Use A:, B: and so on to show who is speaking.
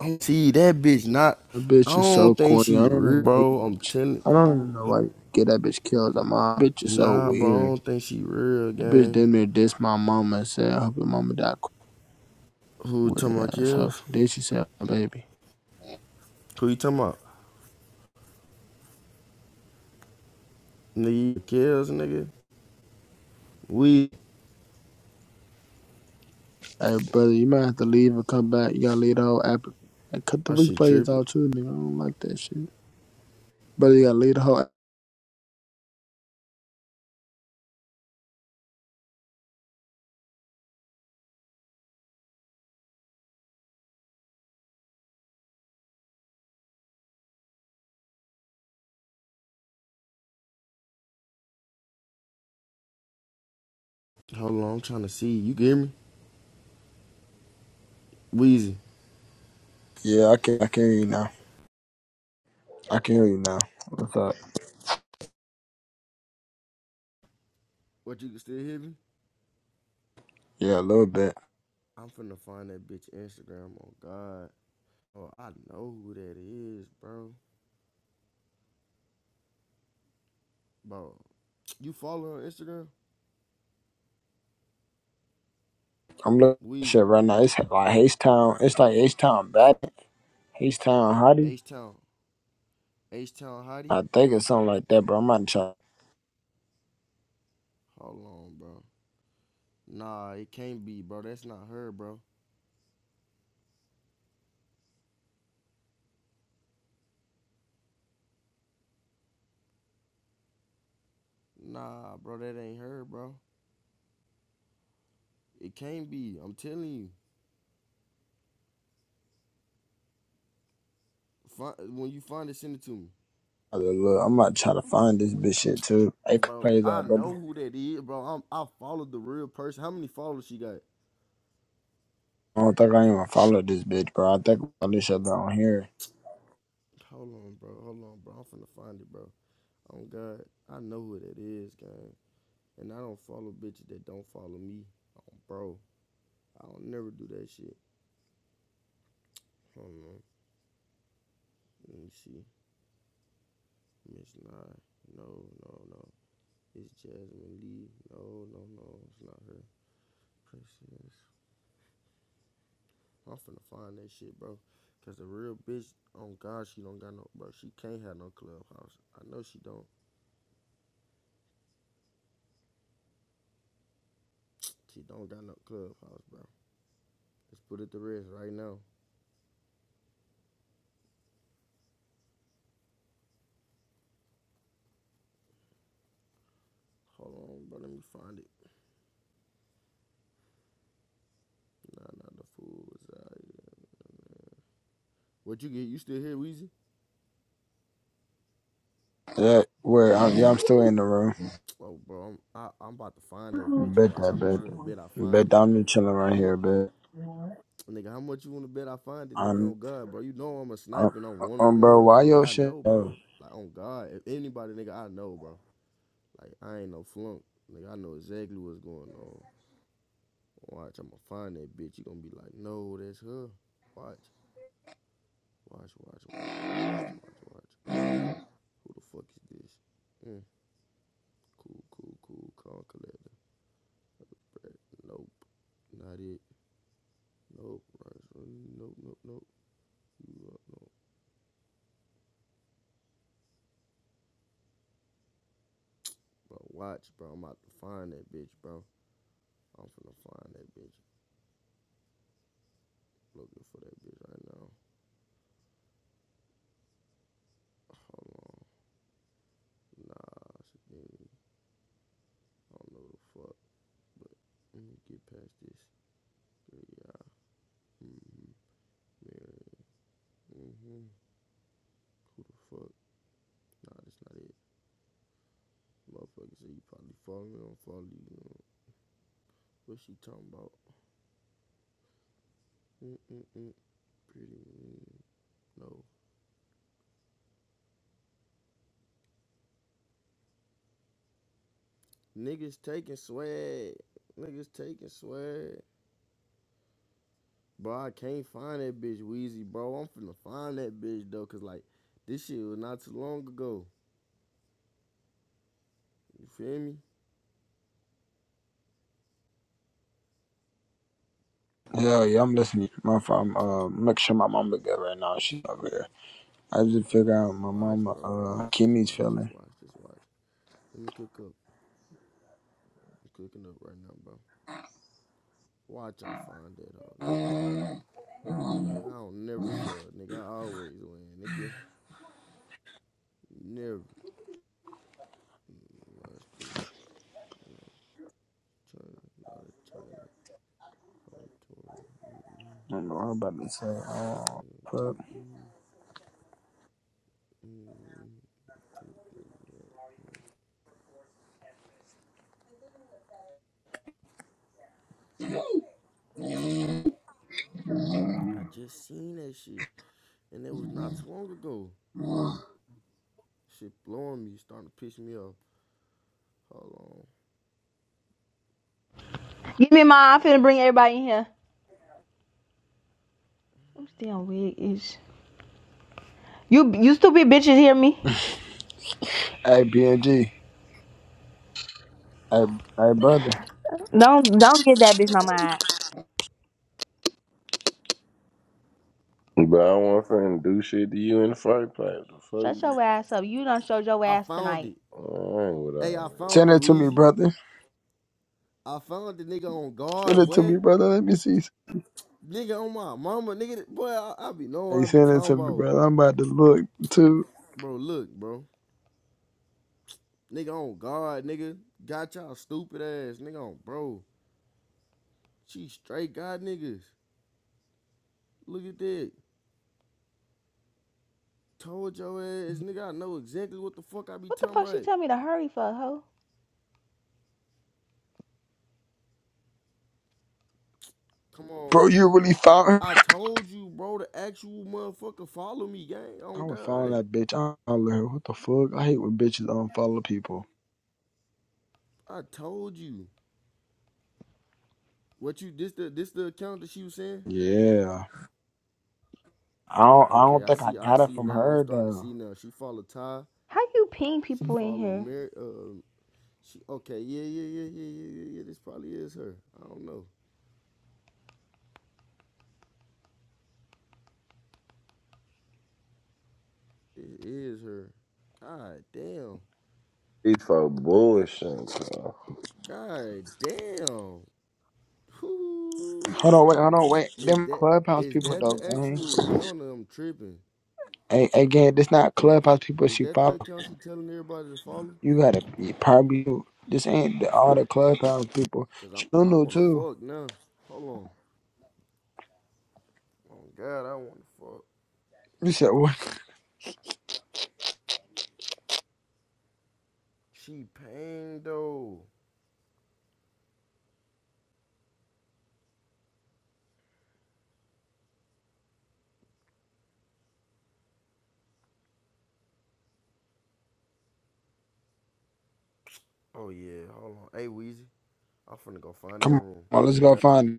A: don't See that bitch not.
B: That
A: I
B: bitch is so
A: don't think
B: corny.
A: she
B: I don't
A: real,
B: know why you
A: bro. I'm
B: bitch.
A: telling.
B: I don't even know why you get that bitch killed. That mom bitch is so
A: Nah, bro. I
B: weird.
A: don't think she real,
B: The bitch
A: gang.
B: damn near dissed my mama and said, I hope your mama died. qu-
A: Who you talking
B: Weird
A: about
B: ass hoe.
A: kills?
B: Then she said, my baby.
A: Who you talking about? Nigga, kills, nigga. We.
B: Hey, brother, you might have to leave and come back. You gotta leave the whole app. Hey, cut the
A: my shit
B: replays
A: tripping.
B: out too, nigga. I don't like that shit. Brother, you gotta leave the whole app.
A: Hold on, I'm trying to see. You get me? Weezy.
B: Yeah, I can, I can hear you now. I can hear you now. What's up?
A: What you can still hear me?
B: Yeah, a little bit.
A: I'm finna find that bitch Instagram. Oh God. Oh, I know who that is, bro. Bro, you follow her on Instagram?
B: I'm looking at
A: Weezy.
B: shit right now. It's like H Town. It's like H Town bad. H Town hottie.
A: H Town. H Town Hottie.
B: I think it's something like that, bro. I'm about to try
A: Hold on, bro. Nah, it can't be, bro. That's not her, bro. Nah, bro, that ain't her, bro. It can't be. I'm telling you. Find, when you find it, send it to me,
B: to look. I'm about to try to find this bitch shit too. Hey,
A: bro.
B: crazy, bro.
A: I know who that is, bro. I'm, I followed the real person. How many followers she got?
B: I don't think I even follow this bitch, bro. I think all this shit down here.
A: Hold on, bro. Hold on, bro. I'm finna find it, bro. Oh God, I know who that is, gang. And I don't follow bitches that don't follow me, oh, bro. I don't never do that shit. Hold on. Let me see. Miss Nye. No, no, no. It's Jasmine Lee. No, no, no, it's not her. Princess. I'm finna find that shit, bro. Cause the real bitch, on God, she don't got no, bro. She can't have no clubhouse. I know she don't. She don't got no clubhouse, bro. Let's put it to rest right now. Hold on, bro. Let me find it. Nah, not the fool What you get? You still here, Weezy?
B: Yeah, where I'm, yeah, I'm still in the room.
A: Oh, bro, I'm I, I'm about to find that bitch.
B: Bet
A: Watch how
B: that,
A: much you
B: bet
A: want to bet I
B: that.
A: find
B: Bet that
A: it.
B: I'm just chilling right
A: How much?
B: here, bet.
A: Well, Nigga, how much you wanna bet I find it, nigga?
B: I'm,
A: On God, bro. You know I'm a
B: I'm,
A: sniper and I'm one on
B: um, bro,
A: ones,
B: why
A: bro. Like
B: your
A: I
B: shit?
A: know,
B: Oh,
A: bro. Like on God, if anybody, nigga, I know, bro. Like I ain't no flunk, nigga. I know exactly what's going on. Watch, I'ma find that bitch. You gonna be like, no, that's her. Watch, watch, watch, watch, watch, watch, watch, watch. Who the fuck is this? Mm, cool, cool, cool. Call collector. Brad. Nope, not it. Nope, right. Nope, nope, nope. You up, nope. Bro, watch, bro. I'm about to find that bitch, bro. I'm finna find that bitch. Looking for that bitch right now. Hold on. Nah, she didn't. I don't know the fuck, but let me get past this. yeah. Mm-hmm. Married. Mm-hmm. Who the fuck? Nah, that's not it. Motherfucker say you probably follow me, don't follow you. What she talking about? Mm-mm-mm. Pretty mean. No. Niggas taking swag. Niggas taking swag. Bro, I can't find that bitch Weezy, bro. I'm finna find that bitch though, cause like this shit was not too long ago. You feel me?
B: yeah, yeah, I'm listening. My phone, uh, make sure my mama good right now. She over here. I just figure out my
A: Watch,
B: mama,
A: bro. Watch.
B: uh,
A: Just
B: Kimmy's
A: watch. Just
B: feeling.
A: watch. Just watch. Let me cook up. I'm cooking up right now, bro. Watch, I find that hoe, nigga. Like I don't never fail, nigga. I always win, nigga. Never. Mm, Watch this. Mm, China, not China. I'm touring. Mm-mm.
B: do know I'm about to say. Oh,
A: Damn.
B: fuck.
A: Mm-mm. Mm-mm. I just seen that shit. and it was not too long ago.
B: Mm.
A: Shit blowing me, starting to piss me off. Hold on, hold
C: Give me mine. I'm finna bring everybody in here. I'm still wig ish. You you stupid bitches hear me?
B: Hey, BNG. Hey, hey, brother.
C: Don't don't get that bitch no mind.
D: But I want finna do
A: on.
D: shit to you in the first place. The fuck
C: Shut
D: you?
C: your ass up. You done showed your
A: I
C: ass
A: found
C: tonight.
A: it.
D: I ain't with
A: Hey,
D: all
A: I
D: that.
A: found
B: Send
A: it,
B: it to me,
A: Weezy.
B: brother.
A: I found the nigga on
B: Send
A: guard,
B: it to
A: boy.
B: me, brother. Let me see.
A: Nigga on my mama, nigga. Boy, I, I be knowing what
B: Hey,
A: I be
B: send it
A: talking
B: to me,
A: about.
B: brother. I'm about to look, too.
A: Bro, look, bro. Nigga on guard, nigga. Got y'all stupid ass, nigga on bro. She straight got niggas. Look at that. Told your ass, nigga, I know exactly what the fuck I be
C: What the
A: talking
C: fuck she
A: about.
C: tell me to hurry for, hoe?
A: Come on,
B: Bro, you really found her?
A: I told you, bro, the actual motherfucker follow me, gang. On
B: I was following
A: God.
B: that bitch. I unfollowed her. What the fuck? I hate when bitches unfollow people.
A: I told you. What you this the this the account that she was saying?
B: Yeah. I don't, I
A: Okay,
B: don't
A: I
B: think I
A: see, I
B: got it
A: see
B: from
A: now. I'm
B: her,
A: starting to
B: though.
A: see now. She followed Ty.
C: How you ping
A: She
C: people in
A: followed
C: here?
A: Mary uh she okay, yeah, yeah, yeah, yeah, yeah, yeah, yeah. This probably is her. I don't know. This is her. God damn.
D: These folk bullshit. bro.
A: God damn.
B: Hold on,
A: Whoo.
B: wait, hold on, wait.
A: Is
B: Them
A: that
B: clubhouse
A: is
B: people,
A: that
B: though,
A: the
B: gang.
A: actual account I'm tripping?
B: Hey, hey, gang, this not clubhouse people
A: Is
B: she
A: that the
B: follow.
A: account she telling everybody to follow?
B: You gotta you probably this ain't the, all the clubhouse people.
A: Cause
B: She
A: I'm I
B: don't know
A: wanna
B: too.
A: fuck now. Hold on. Oh God, I wanna fuck.
B: You said what?
A: She pain though. Oh yeah, hold on. Hey Weezy, I'm finna go find that
B: Come
A: room.
B: on, let's
A: On
B: go
A: God.
B: find.